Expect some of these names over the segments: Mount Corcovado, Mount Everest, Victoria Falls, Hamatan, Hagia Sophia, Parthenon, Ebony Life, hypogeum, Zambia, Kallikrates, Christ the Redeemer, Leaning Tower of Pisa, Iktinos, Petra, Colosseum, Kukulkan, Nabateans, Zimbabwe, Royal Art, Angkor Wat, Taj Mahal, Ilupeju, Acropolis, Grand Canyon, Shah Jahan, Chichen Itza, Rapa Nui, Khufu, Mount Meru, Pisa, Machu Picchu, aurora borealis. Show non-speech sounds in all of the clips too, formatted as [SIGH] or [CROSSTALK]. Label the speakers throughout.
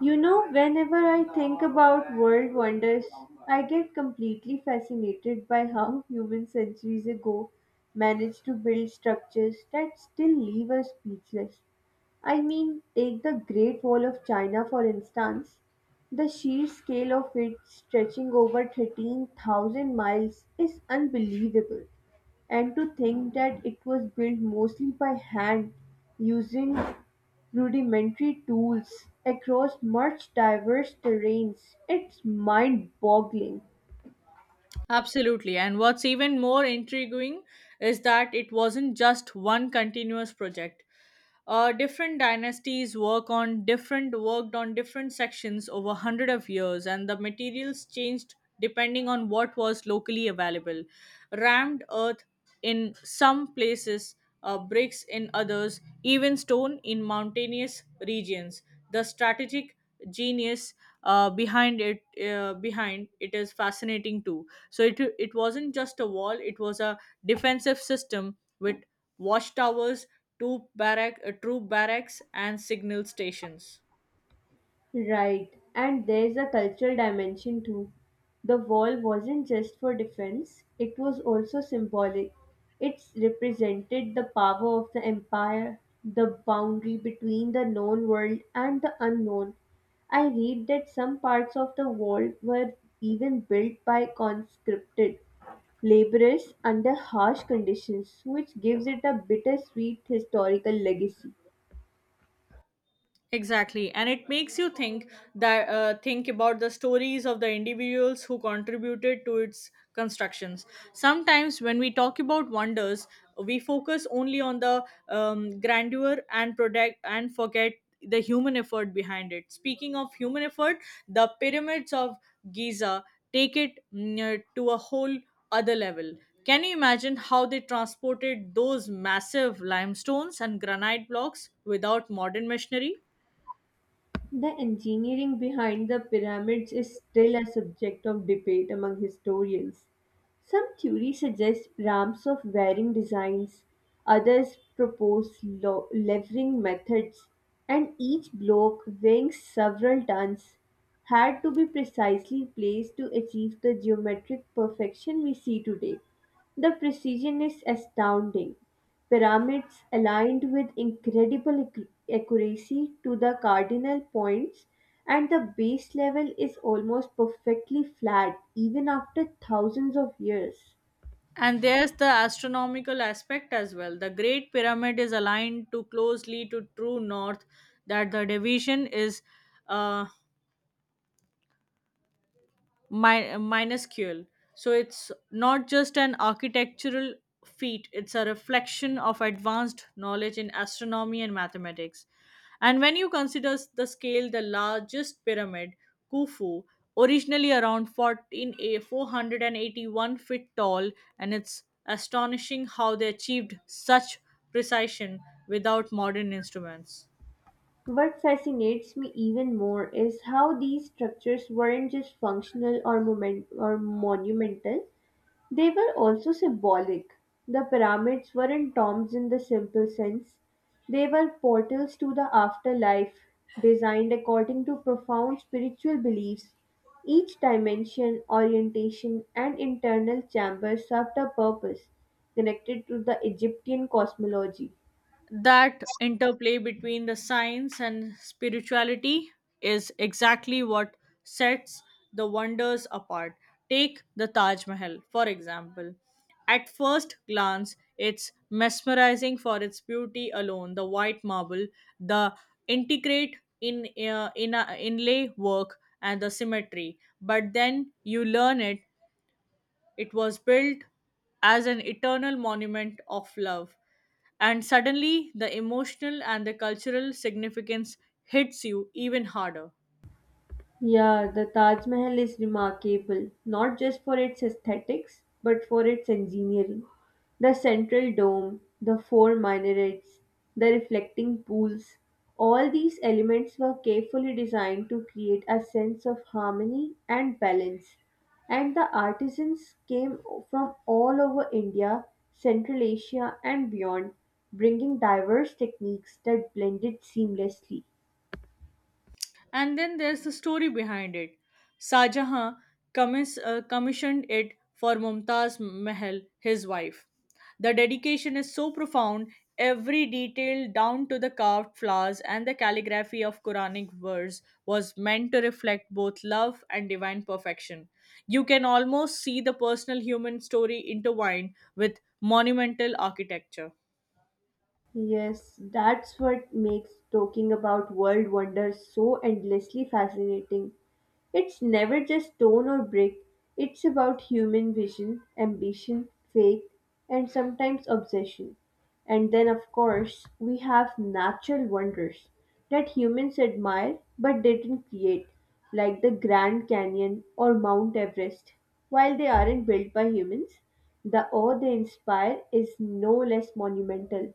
Speaker 1: You know, whenever I think about world wonders, I get completely fascinated by how humans centuries ago managed to build structures that still leave us speechless. I mean, take the Great Wall of China for instance. The sheer scale of it stretching over 13,000 miles is unbelievable. And to think that it was built mostly by hand using rudimentary tools across much diverse terrains. It's mind-boggling.
Speaker 2: Absolutely. And what's even more intriguing is that it wasn't just one continuous project. Different dynasties worked on different sections over hundred of years, and the materials changed depending on what was locally available: rammed earth in some places, bricks in others, even stone in mountainous regions. The strategic genius behind it is fascinating too. So it wasn't just a wall, it was a defensive system with watchtowers, troop barracks, and signal stations.
Speaker 1: Right, and there's a cultural dimension too. The wall wasn't just for defense, it was also symbolic. It represented the power of the empire, the boundary between the known world and the unknown. I read that some parts of the wall were even built by conscripted laborers under harsh conditions, which gives it a bittersweet historical legacy.
Speaker 2: Exactly, and it makes you think about the stories of the individuals who contributed to its constructions. Sometimes, when we talk about wonders, we focus only on the grandeur and product, and forget the human effort behind it. Speaking of human effort, the pyramids of Giza take it to a whole other level. Can you imagine how they transported those massive limestones and granite blocks without modern machinery?
Speaker 1: The engineering behind the pyramids is still a subject of debate among historians. Some theories suggest ramps of varying designs, others propose levering methods, and each block weighing several tons had to be precisely placed to achieve the geometric perfection we see today. The precision is astounding. Pyramids aligned with incredible accuracy to the cardinal points, and the base level is almost perfectly flat even after thousands of years.
Speaker 2: And there's the astronomical aspect as well. The Great Pyramid is aligned too closely to true north that the division is uh, minuscule. So it's not just an architectural feat, it's a reflection of advanced knowledge in astronomy and mathematics. And when you consider the scale, the largest pyramid, Khufu, originally around 14 a 481 feet tall, and it's astonishing how they achieved such precision without modern instruments.
Speaker 1: What fascinates me even more is how these structures weren't just functional or moment or monumental. They were also symbolic. The pyramids weren't tombs in the simple sense, they were portals to the afterlife, designed according to profound spiritual beliefs. Each dimension, orientation, and internal chamber served a purpose connected to the Egyptian cosmology.
Speaker 2: That interplay between the science and spirituality is exactly what sets the wonders apart. Take the Taj Mahal, for example. At first glance, it's mesmerizing for its beauty alone: the white marble, the inlay work, and the symmetry. But then you learn it was built as an eternal monument of love. And suddenly, the emotional and the cultural significance hits you even harder.
Speaker 1: Yeah, the Taj Mahal is remarkable, not just for its aesthetics, but for its engineering. The central dome, the four minarets, the reflecting pools, all these elements were carefully designed to create a sense of harmony and balance. And the artisans came from all over India, Central Asia, and beyond, bringing diverse techniques that blended seamlessly.
Speaker 2: And then there's the story behind it. Shah Jahan commissioned it for Mumtaz Mahal, his wife. The dedication is so profound, every detail down to the carved flowers and the calligraphy of Quranic verse was meant to reflect both love and divine perfection. You can almost see the personal human story intertwined with monumental architecture.
Speaker 1: Yes, that's what makes talking about world wonders so endlessly fascinating. It's never just stone or brick, it's about human vision, ambition, faith, and sometimes obsession. And then, of course, we have natural wonders that humans admire but didn't create, like the Grand Canyon or Mount Everest. While they aren't built by humans, the awe they inspire is no less monumental.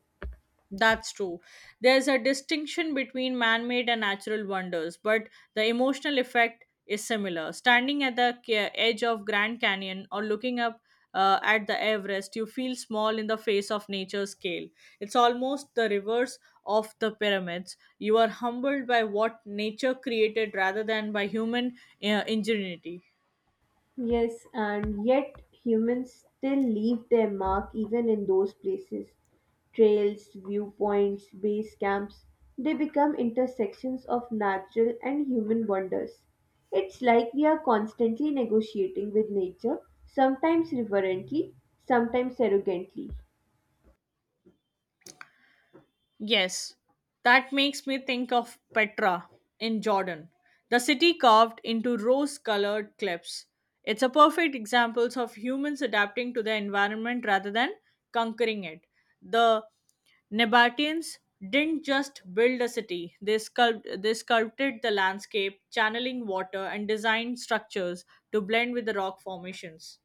Speaker 2: That's true. There's a distinction between man made and natural wonders, but the emotional effect is similar. Standing at the edge of Grand Canyon, or looking up at the Everest, you feel small in the face of nature's scale. It's almost the reverse of the pyramids. You are humbled by what nature created rather than by human ingenuity.
Speaker 1: Yes, and yet humans still leave their mark even in those places. Trails, viewpoints, base camps, they become intersections of natural and human wonders. It's like we are constantly negotiating with nature, sometimes reverently, sometimes arrogantly.
Speaker 2: Yes, that makes me think of Petra in Jordan, the city carved into rose colored cliffs. It's a perfect example of humans adapting to the environment rather than conquering it. The Nabateans didn't just build a city, they sculpted the landscape, channeling water, and designed structures to blend with the rock formations.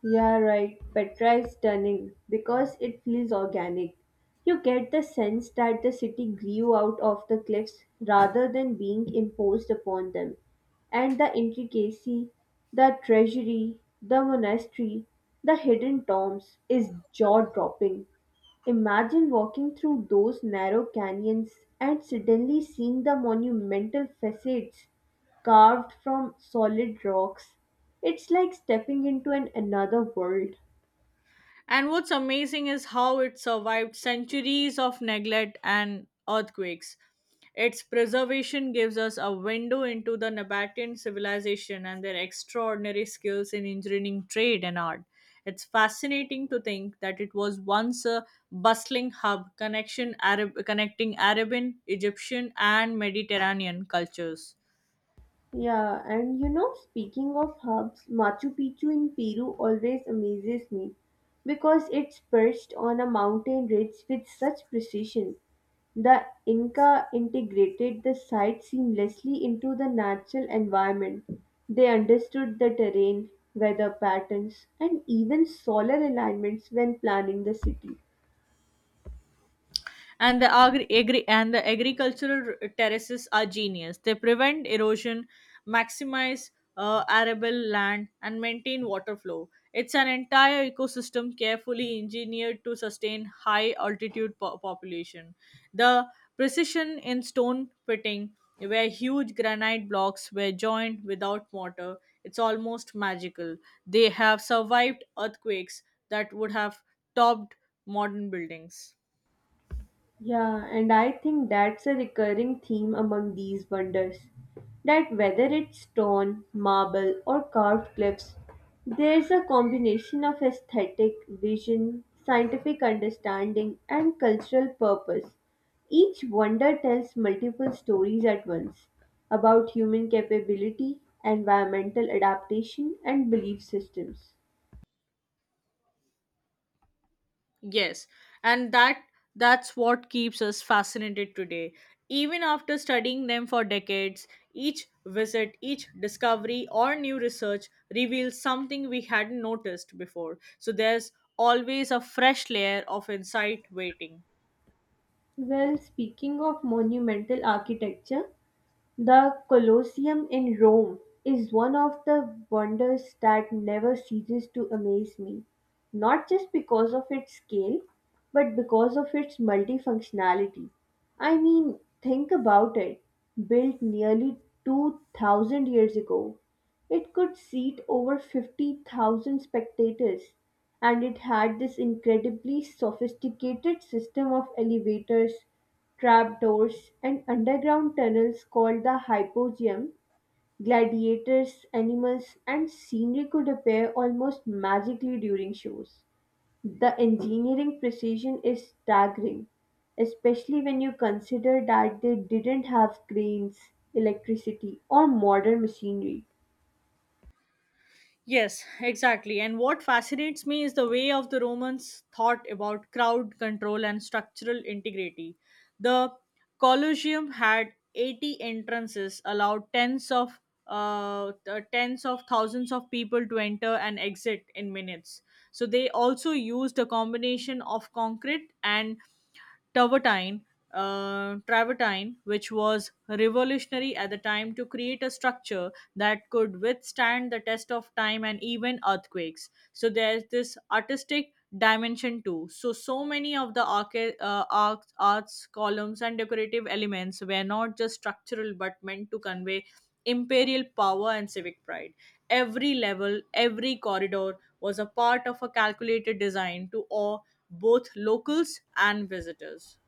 Speaker 1: Yeah, right. Petra is stunning because it feels organic. You get the sense that the city grew out of the cliffs rather than being imposed upon them. And the intricacy, the treasury, the monastery, the hidden tombs is jaw dropping. Imagine walking through those narrow canyons and suddenly seeing the monumental facades carved from solid rocks. It's like stepping into an another world.
Speaker 2: And what's amazing is how it survived centuries of neglect and earthquakes. Its preservation gives us a window into the Nabatean civilization and their extraordinary skills in engineering, trade, and art. It's fascinating to think that it was once a bustling hub connecting Arabian, Egyptian, and Mediterranean cultures.
Speaker 1: Yeah, and you know, speaking of hubs, Machu Picchu in Peru always amazes me because it's perched on a mountain ridge with such precision. The Inca integrated the site seamlessly into the natural environment. They understood the terrain, weather patterns, and even solar alignments when planning the city.
Speaker 2: And the agricultural terraces are genius. They prevent erosion, maximize arable land, and maintain water flow. It's an entire ecosystem carefully engineered to sustain high altitude population. The precision in stone pitting, where huge granite blocks were joined without mortar, it's almost magical. They have survived earthquakes that would have topped modern buildings.
Speaker 1: Yeah, and I think that's a recurring theme among these wonders. That whether it's stone, marble, or carved cliffs, there's a combination of aesthetic, vision, scientific understanding, and cultural purpose. Each wonder tells multiple stories at once about human capability, environmental adaptation, and belief systems.
Speaker 2: Yes, and that's what keeps us fascinated today. Even after studying them for decades, each visit, each discovery or new research reveals something we hadn't noticed before. So there's always a fresh layer of insight waiting.
Speaker 1: Well, speaking of monumental architecture, the Colosseum in Rome is one of the wonders that never ceases to amaze me, not just because of its scale, but because of its multifunctionality. I mean, think about it, built nearly 2000 years ago it could seat over 50,000 spectators, and it had this incredibly sophisticated system of elevators, trapdoors, and underground tunnels called the hypogeum. Gladiators, animals, and scenery could appear almost magically during shows. The engineering precision is staggering, especially when you consider that they didn't have cranes, electricity, or modern machinery.
Speaker 2: Yes, exactly. And what fascinates me is the way of the Romans thought about crowd control and structural integrity. The Colosseum had 80 entrances, allowed tens of thousands of people to enter and exit in minutes. So they also used a combination of concrete and travertine, travertine, which was revolutionary at the time, to create a structure that could withstand the test of time and even earthquakes. So there's this artistic dimension too. So many of the arts, columns, and decorative elements were not just structural but meant to convey imperial power and civic pride. Every level, every corridor was a part of a calculated design to awe both locals and visitors.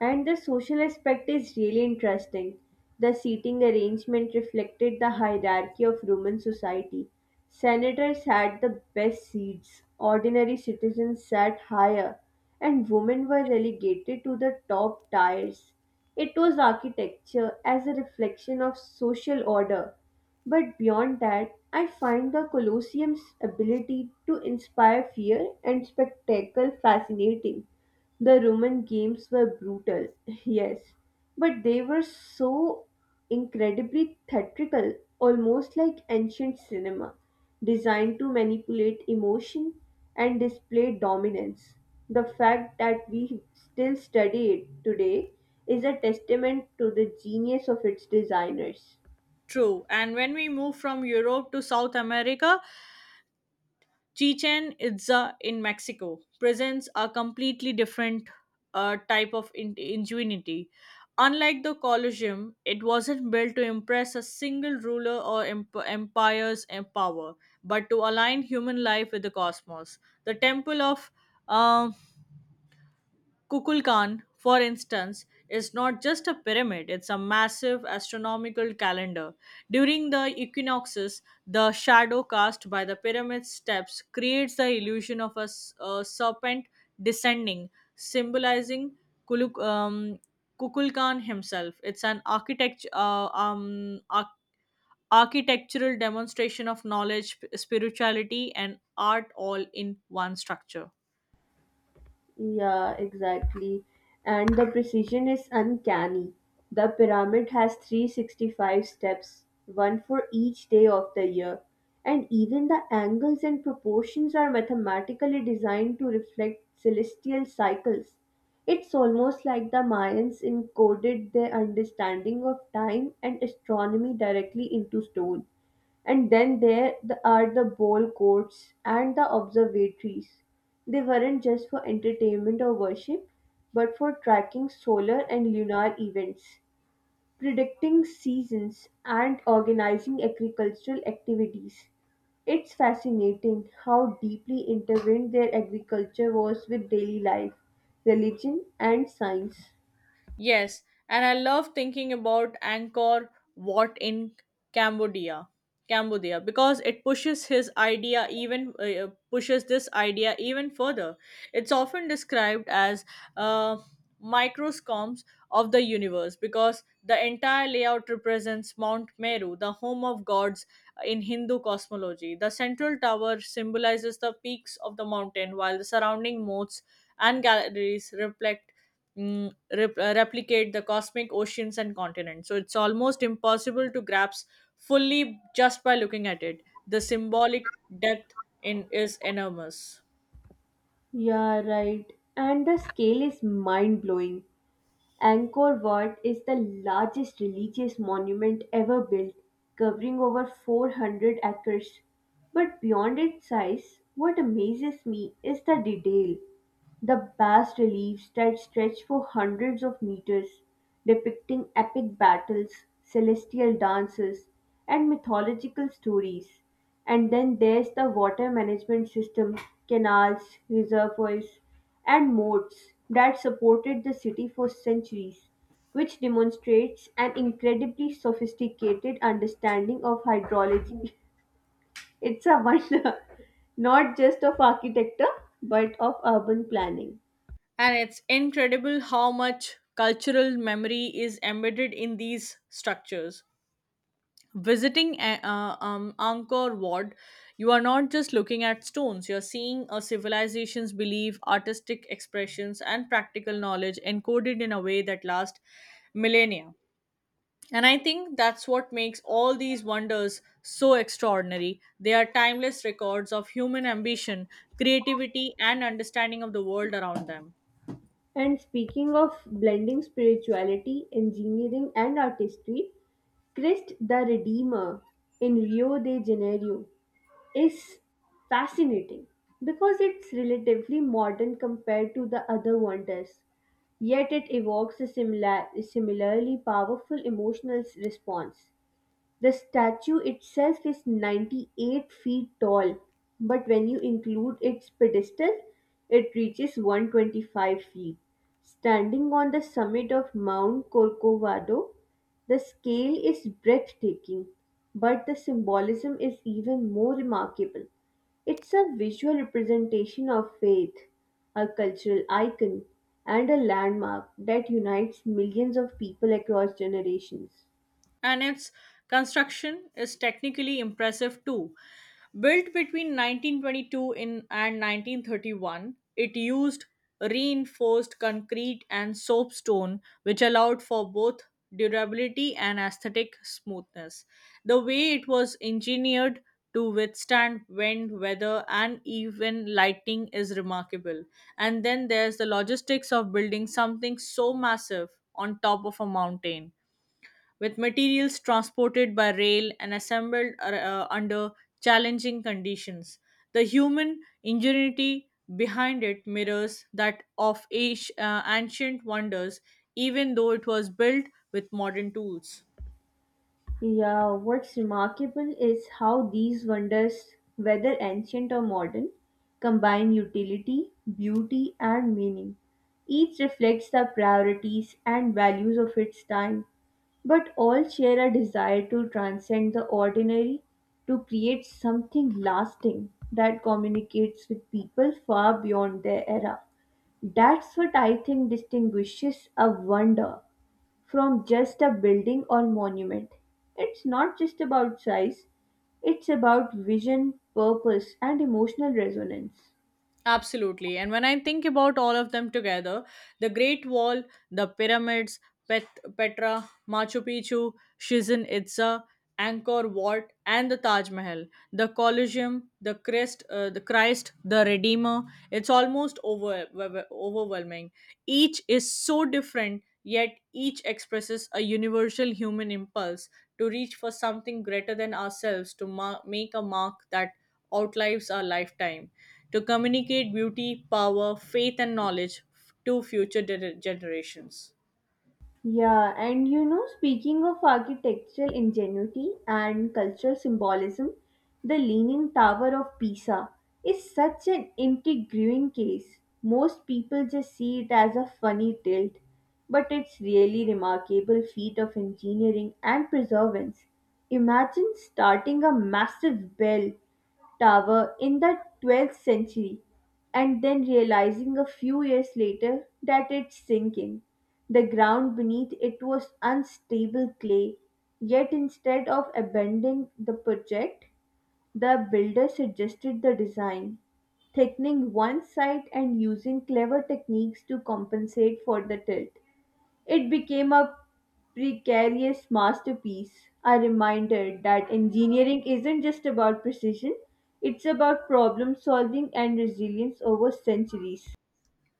Speaker 1: And the social aspect is really interesting. The seating arrangement reflected the hierarchy of Roman society. Senators had the best seats, ordinary citizens sat higher, and women were relegated to the top tiers. It was architecture as a reflection of social order. But beyond that, I find the Colosseum's ability to inspire fear and spectacle fascinating. The Roman games were brutal, [LAUGHS] yes, but they were so incredibly theatrical, almost like ancient cinema, designed to manipulate emotion and display dominance. The fact that we still study it today is a testament to the genius of its designers.
Speaker 2: True. And when we move from Europe to South America, Chichen Itza in Mexico presents a completely different type of ingenuity. Unlike the Colosseum, it wasn't built to impress a single ruler or empire's power, but to align human life with the cosmos. The temple of um, Kukulkan, for instance, is not just a pyramid, it's a massive astronomical calendar. During the equinoxes, the shadow cast by the pyramid steps creates the illusion of a serpent descending, symbolizing Kuluk, um, Kukulkan himself. It's an architectural demonstration of spirituality, and art all in one structure.
Speaker 1: Yeah, exactly. And the precision is uncanny. The pyramid has 365 steps, one for each day of the year. And even the angles and proportions are mathematically designed to reflect celestial cycles. It's almost like the Mayans encoded their understanding of time and astronomy directly into stone. And then there are the ball courts and the observatories. They weren't just for entertainment or worship, but for tracking solar and lunar events, predicting seasons, and organizing agricultural activities. It's fascinating how deeply intertwined their agriculture was with daily life, religion, and science.
Speaker 2: Yes, and I love thinking about Angkor Wat in Cambodia, Cambodia, because it pushes this idea even further. It's often described as uh, microscoms of the universe because the entire layout represents Mount Meru, the home of gods in Hindu cosmology. The central tower symbolizes the peaks of the mountain, while the surrounding moats and galleries mm, replicate the cosmic oceans and continents. So it's almost impossible to grasp fully just by looking at it. The symbolic depth in is enormous.
Speaker 1: Yeah, right. And the scale is mind blowing. Angkor Wat is the largest religious monument ever built, covering over 400 acres. But beyond its size, what amazes me is the detail. The bas reliefs that stretch for hundreds of meters, depicting epic battles, celestial dances, and mythological stories, and then there's the water management system, canals, reservoirs, and moats that supported the city for centuries, which demonstrates an incredibly sophisticated understanding of hydrology. [LAUGHS] It's a wonder, [LAUGHS] not just of architecture, but of urban planning.
Speaker 2: And it's incredible how much cultural memory is embedded in these structures. Visiting Angkor Wat, you are not just looking at stones, you're seeing a civilization's belief, artistic expressions, and practical knowledge encoded in a way that lasts millennia. And I think that's what makes all these wonders so extraordinary. They are timeless records of human ambition, creativity, and understanding of the world around them.
Speaker 1: And speaking of blending spirituality, engineering, and artistry, Christ the Redeemer in Rio de Janeiro is fascinating because it's relatively modern compared to the other wonders, yet it evokes a similarly powerful emotional response. The statue itself is 98 feet tall, but when you include its pedestal, it reaches 125 feet. Standing on the summit of Mount Corcovado, the scale is breathtaking, but the symbolism is even more remarkable. It's a visual representation of faith, a cultural icon, and a landmark that unites millions of people across generations.
Speaker 2: And its construction is technically impressive too. Built between 1922 and 1931, it used reinforced concrete and soapstone, which allowed for both durability and aesthetic smoothness. The way it was engineered to withstand wind, weather, and even lightning is remarkable. And then there's the logistics of building something so massive on top of a mountain with materials transported by rail and assembled under challenging conditions. The human ingenuity behind it mirrors that of ancient wonders, even though it was built with modern tools.
Speaker 1: Yeah, what's remarkable is how these wonders, whether ancient or modern, combine utility, beauty, and meaning. Each reflects the priorities and values of its time, but all share a desire to transcend the ordinary to create something lasting that communicates with people far beyond their era. That's what I think distinguishes a wonder from just a building or monument. It's not just about size, it's about vision, purpose, and emotional resonance.
Speaker 2: Absolutely. And when I think about all of them together, the Great Wall, the pyramids, Petra, Machu Picchu, Chichen Itza, Angkor Wat, and the Taj Mahal, the Colosseum, the Christ, the Redeemer, it's almost overwhelming. Each is so different, yet each expresses a universal human impulse to reach for something greater than ourselves, to ma make a mark that outlives our lifetime, to communicate beauty, power, faith, and knowledge to future generations.
Speaker 1: Yeah, and you know, speaking of architectural ingenuity and cultural symbolism, the Leaning Tower of Pisa is such an intriguing case. Most people just see it as a funny tilt, but it's really remarkable feat of engineering and preservation. Imagine starting a massive bell tower in the 12th century and then realizing a few years later that it's sinking. The ground beneath it was unstable clay, yet instead of abandoning the project, the builder suggested the design, thickening one side and using clever techniques to compensate for the tilt. It became a precarious masterpiece, a reminder that engineering isn't just about precision, it's about problem solving and resilience over centuries.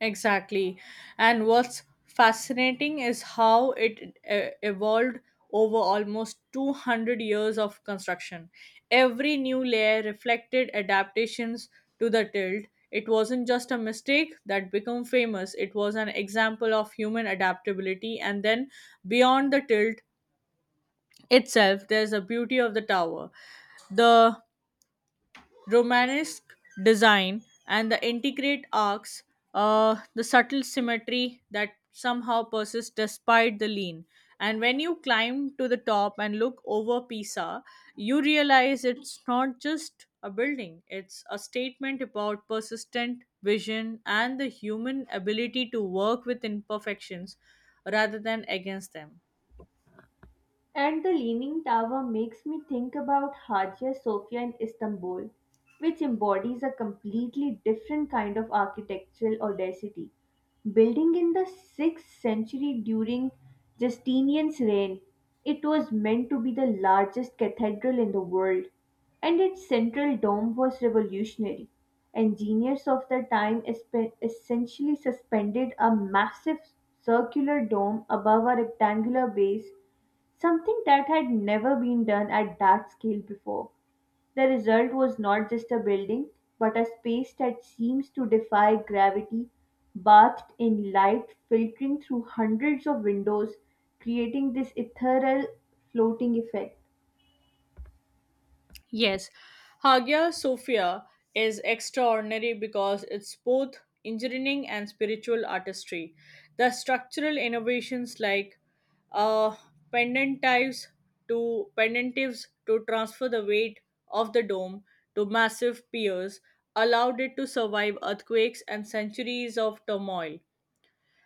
Speaker 2: Exactly. And what's fascinating is how it evolved over almost 200 years of construction. Every new layer reflected adaptations to the tilt. It wasn't just a mistake that became famous, it was an example of human adaptability. And then beyond the tilt itself, there's a beauty of the tower. The Romanesque design, and the intricate arcs, the subtle symmetry that somehow persists despite the lean. And when you climb to the top and look over Pisa, you realize it's not just a building, it's a statement about persistent vision and the human ability to work with imperfections rather than against them.
Speaker 1: And the Leaning Tower makes me think about Hagia Sophia in Istanbul, which embodies a completely different kind of architectural audacity. Building in the 6th century during Justinian's reign, it was meant to be the largest cathedral in the world, and its central dome was revolutionary. Engineers of the time essentially suspended a massive circular dome above a rectangular base, something that had never been done at that scale before. The result was not just a building, but a space that seems to defy gravity, bathed in light filtering through hundreds of windows, creating this ethereal floating effect.
Speaker 2: Yes, Hagia Sophia is extraordinary because it's both engineering and spiritual artistry. The structural innovations, like uh, pendentives pendentives to transfer the weight of the dome to massive piers, allowed it to survive earthquakes and centuries of turmoil.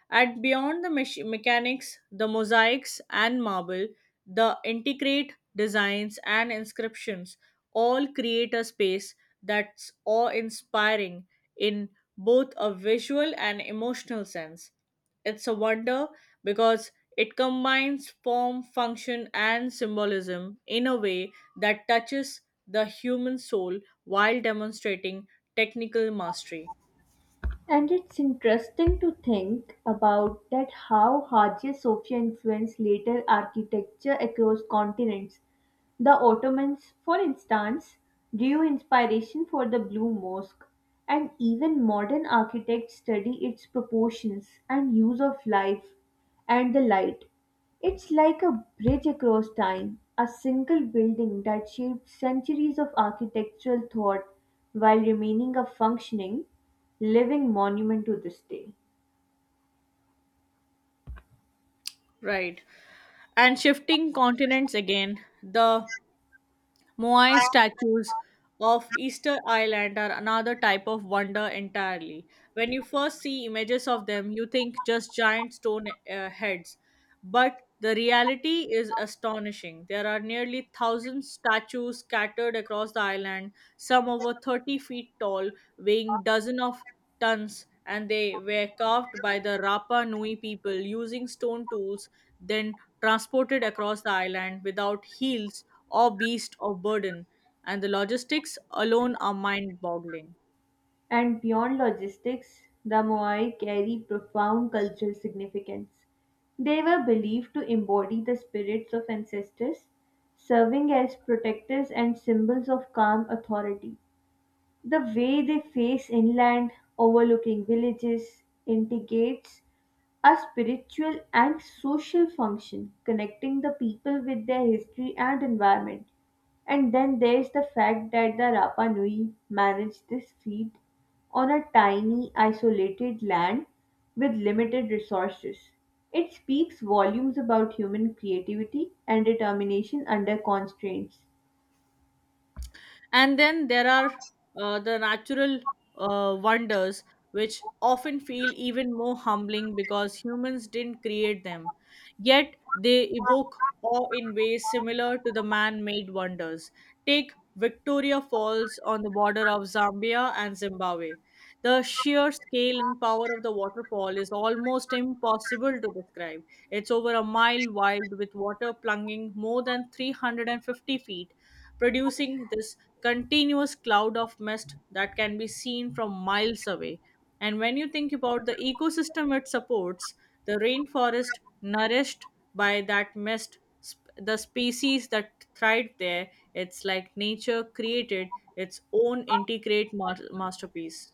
Speaker 2: At Beyond the Mechanics, the mosaics and marble, the intricate designs and inscriptions all create a space that's awe inspiring in both a visual and emotional sense. It's a wonder because it combines form, function, and symbolism in a way that touches the human soul while demonstrating technical mastery.
Speaker 1: And it's interesting to think about that how Hagia Sophia influenced later architecture across continents. The Ottomans, for instance, drew inspiration for the Blue Mosque, and even modern architects study its proportions and use of life and the light. It's like a bridge across time, a single building that shaped centuries of architectural thought while remaining a functioning, living monument to this day.
Speaker 2: Right. And shifting continents again, the Moai statues of Easter Island are another type of wonder entirely. When you first see images of them, you think just giant stone heads, but the reality is astonishing. There are nearly thousand statues scattered across the island, some over 30 feet tall, weighing dozen of tons, and they were carved by the Rapa Nui people using stone tools, then transported across the island without heels or beast of burden. And the logistics alone are mind boggling.
Speaker 1: And beyond logistics, the Moai carry profound cultural significance. They were believed to embody the spirits of ancestors, serving as protectors and symbols of calm authority. The way they face inland, overlooking villages, integrates a spiritual and social function, connecting the people with their history and environment. And then there's the fact that the Rapa Nui managed this feat on a tiny, isolated land with limited resources. It speaks volumes about human creativity and determination under constraints.
Speaker 2: And then there are the natural wonders, which often feel even more humbling because humans didn't create them. Yet they evoke awe in ways similar to the man made wonders. Take Victoria Falls on the border of Zambia and Zimbabwe. The sheer scale and power of the waterfall is almost impossible to describe. It's over a mile wide, with water plunging more than 350 feet, producing this continuous cloud of mist that can be seen from miles away. And when you think about the ecosystem it supports, the rainforest nourished by that mist, the species that thrived there, it's like nature created its own integrate masterpiece.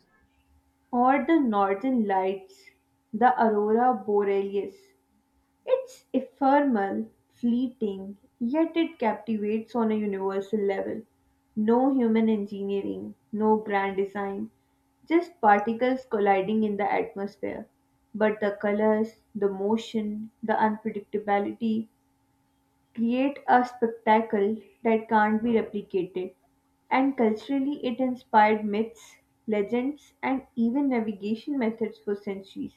Speaker 1: Or the northern lights, the aurora borealis. It's ephemeral, fleeting, yet it captivates on a universal level. No human engineering, no grand design, just particles colliding in the atmosphere. But the colors, the motion, the unpredictability create a spectacle that can't be replicated. And culturally, it inspired myths, legends, and even navigation methods for centuries.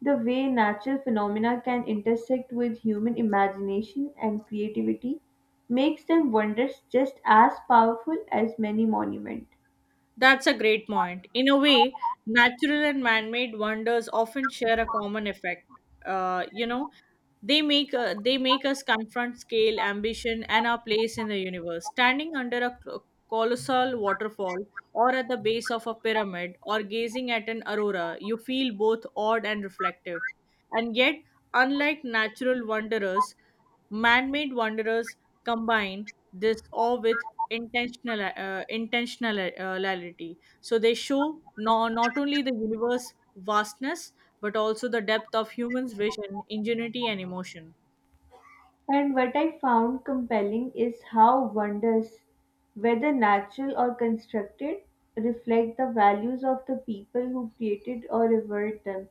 Speaker 1: The way natural phenomena can intersect with human imagination and creativity makes them wonders just as powerful as many monuments.
Speaker 2: That's a great point. In a way, natural and man made wonders often share a common effect. You know, they make us confront scale, ambition, and our place in the universe. Standing under a colossal waterfall, or at the base of a pyramid, or gazing at an aurora, you feel both awed and reflective. And yet, unlike natural wanderers, man made wanderers combine this awe with intentionality, so they show no, not only the universe vastness but also the depth of humans vision, ingenuity, and emotion.
Speaker 1: And what I found compelling is how wonders, whether natural or constructed, reflect the values of the people who created or revered them.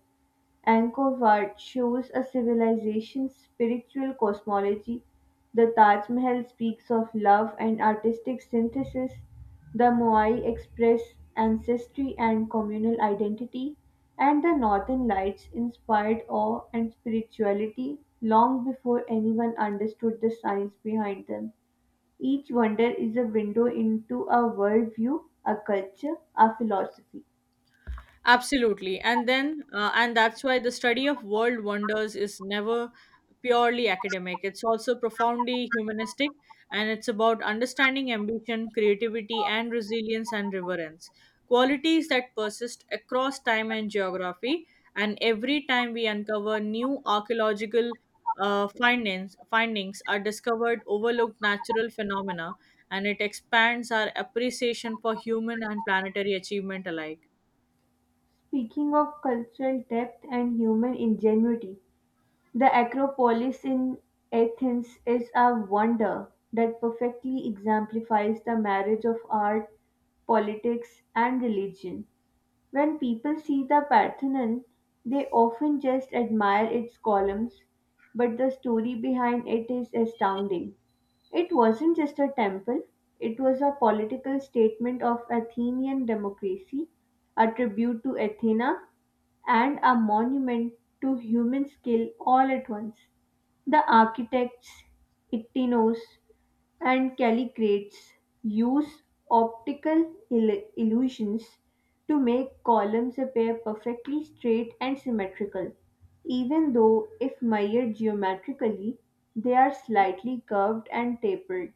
Speaker 1: Angkor Wat shows a civilization's spiritual cosmology, the Taj Mahal speaks of love and artistic synthesis, the Moai express ancestry and communal identity, and the Northern Lights inspired awe and spirituality long before anyone understood the science behind them. Each wonder is a window into a worldview, a culture, a philosophy.
Speaker 2: Absolutely. And that's why the study of world wonders is never purely academic. It's also profoundly humanistic, and it's about understanding ambition, creativity, and resilience and reverence. Qualities that persist across time and geography. And every time we uncover new archaeological findings are discovered, overlooked natural phenomena, and it expands our appreciation for human and planetary achievement alike.
Speaker 1: Speaking of cultural depth and human ingenuity, the Acropolis in Athens is a wonder that perfectly exemplifies the marriage of art, politics, and religion. When people see the Parthenon, they often just admire its columns, but the story behind it is astounding. It wasn't just a temple, it was a political statement of Athenian democracy, a tribute to Athena, and a monument to human skill all at once. The architects, Ictinos, and calligrates use optical illusions to make columns appear perfectly straight and symmetrical, even though, if measured geometrically, they are slightly curved and tapered.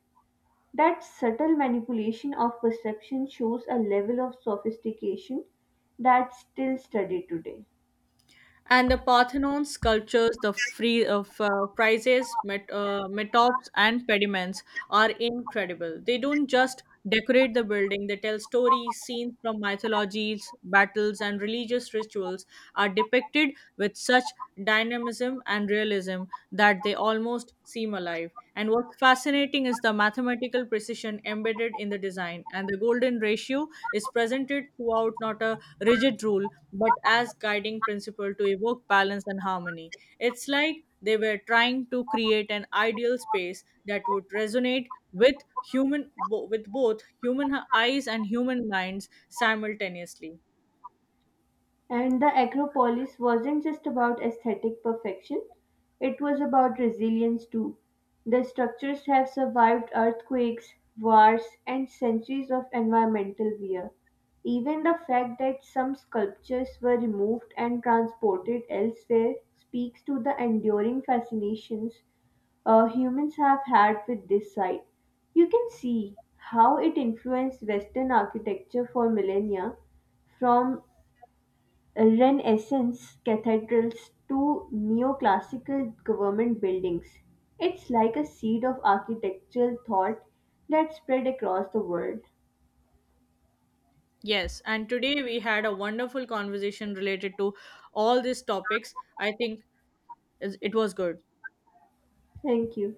Speaker 1: That subtle manipulation of perception shows a level of sophistication that's still studied today.
Speaker 2: And the Parthenon sculptures, the free of friezes, metops, and pediments are incredible. They don't just decorate the building; they tell stories. Scenes from mythologies, battles, and religious rituals are depicted with such dynamism and realism that they almost seem alive. And what's fascinating is the mathematical precision embedded in the design, and the golden ratio is presented throughout, not a rigid rule but as guiding principle to evoke balance and harmony. It's like they were trying to create an ideal space that would resonate with both human eyes and human minds simultaneously.
Speaker 1: And the Acropolis wasn't just about aesthetic perfection, it was about resilience too. The structures have survived earthquakes, wars, and centuries of environmental wear. Even the fact that some sculptures were removed and transported elsewhere speaks to the enduring fascinations humans have had with this site. You can see how it influenced Western architecture for millennia, from Renaissance Cathedral's to neoclassical government buildings. It's like a seed of architectural thought that spread across the world.
Speaker 2: Yes, and today we had a wonderful conversation related to all these topics. I think it was good.
Speaker 1: Thank you.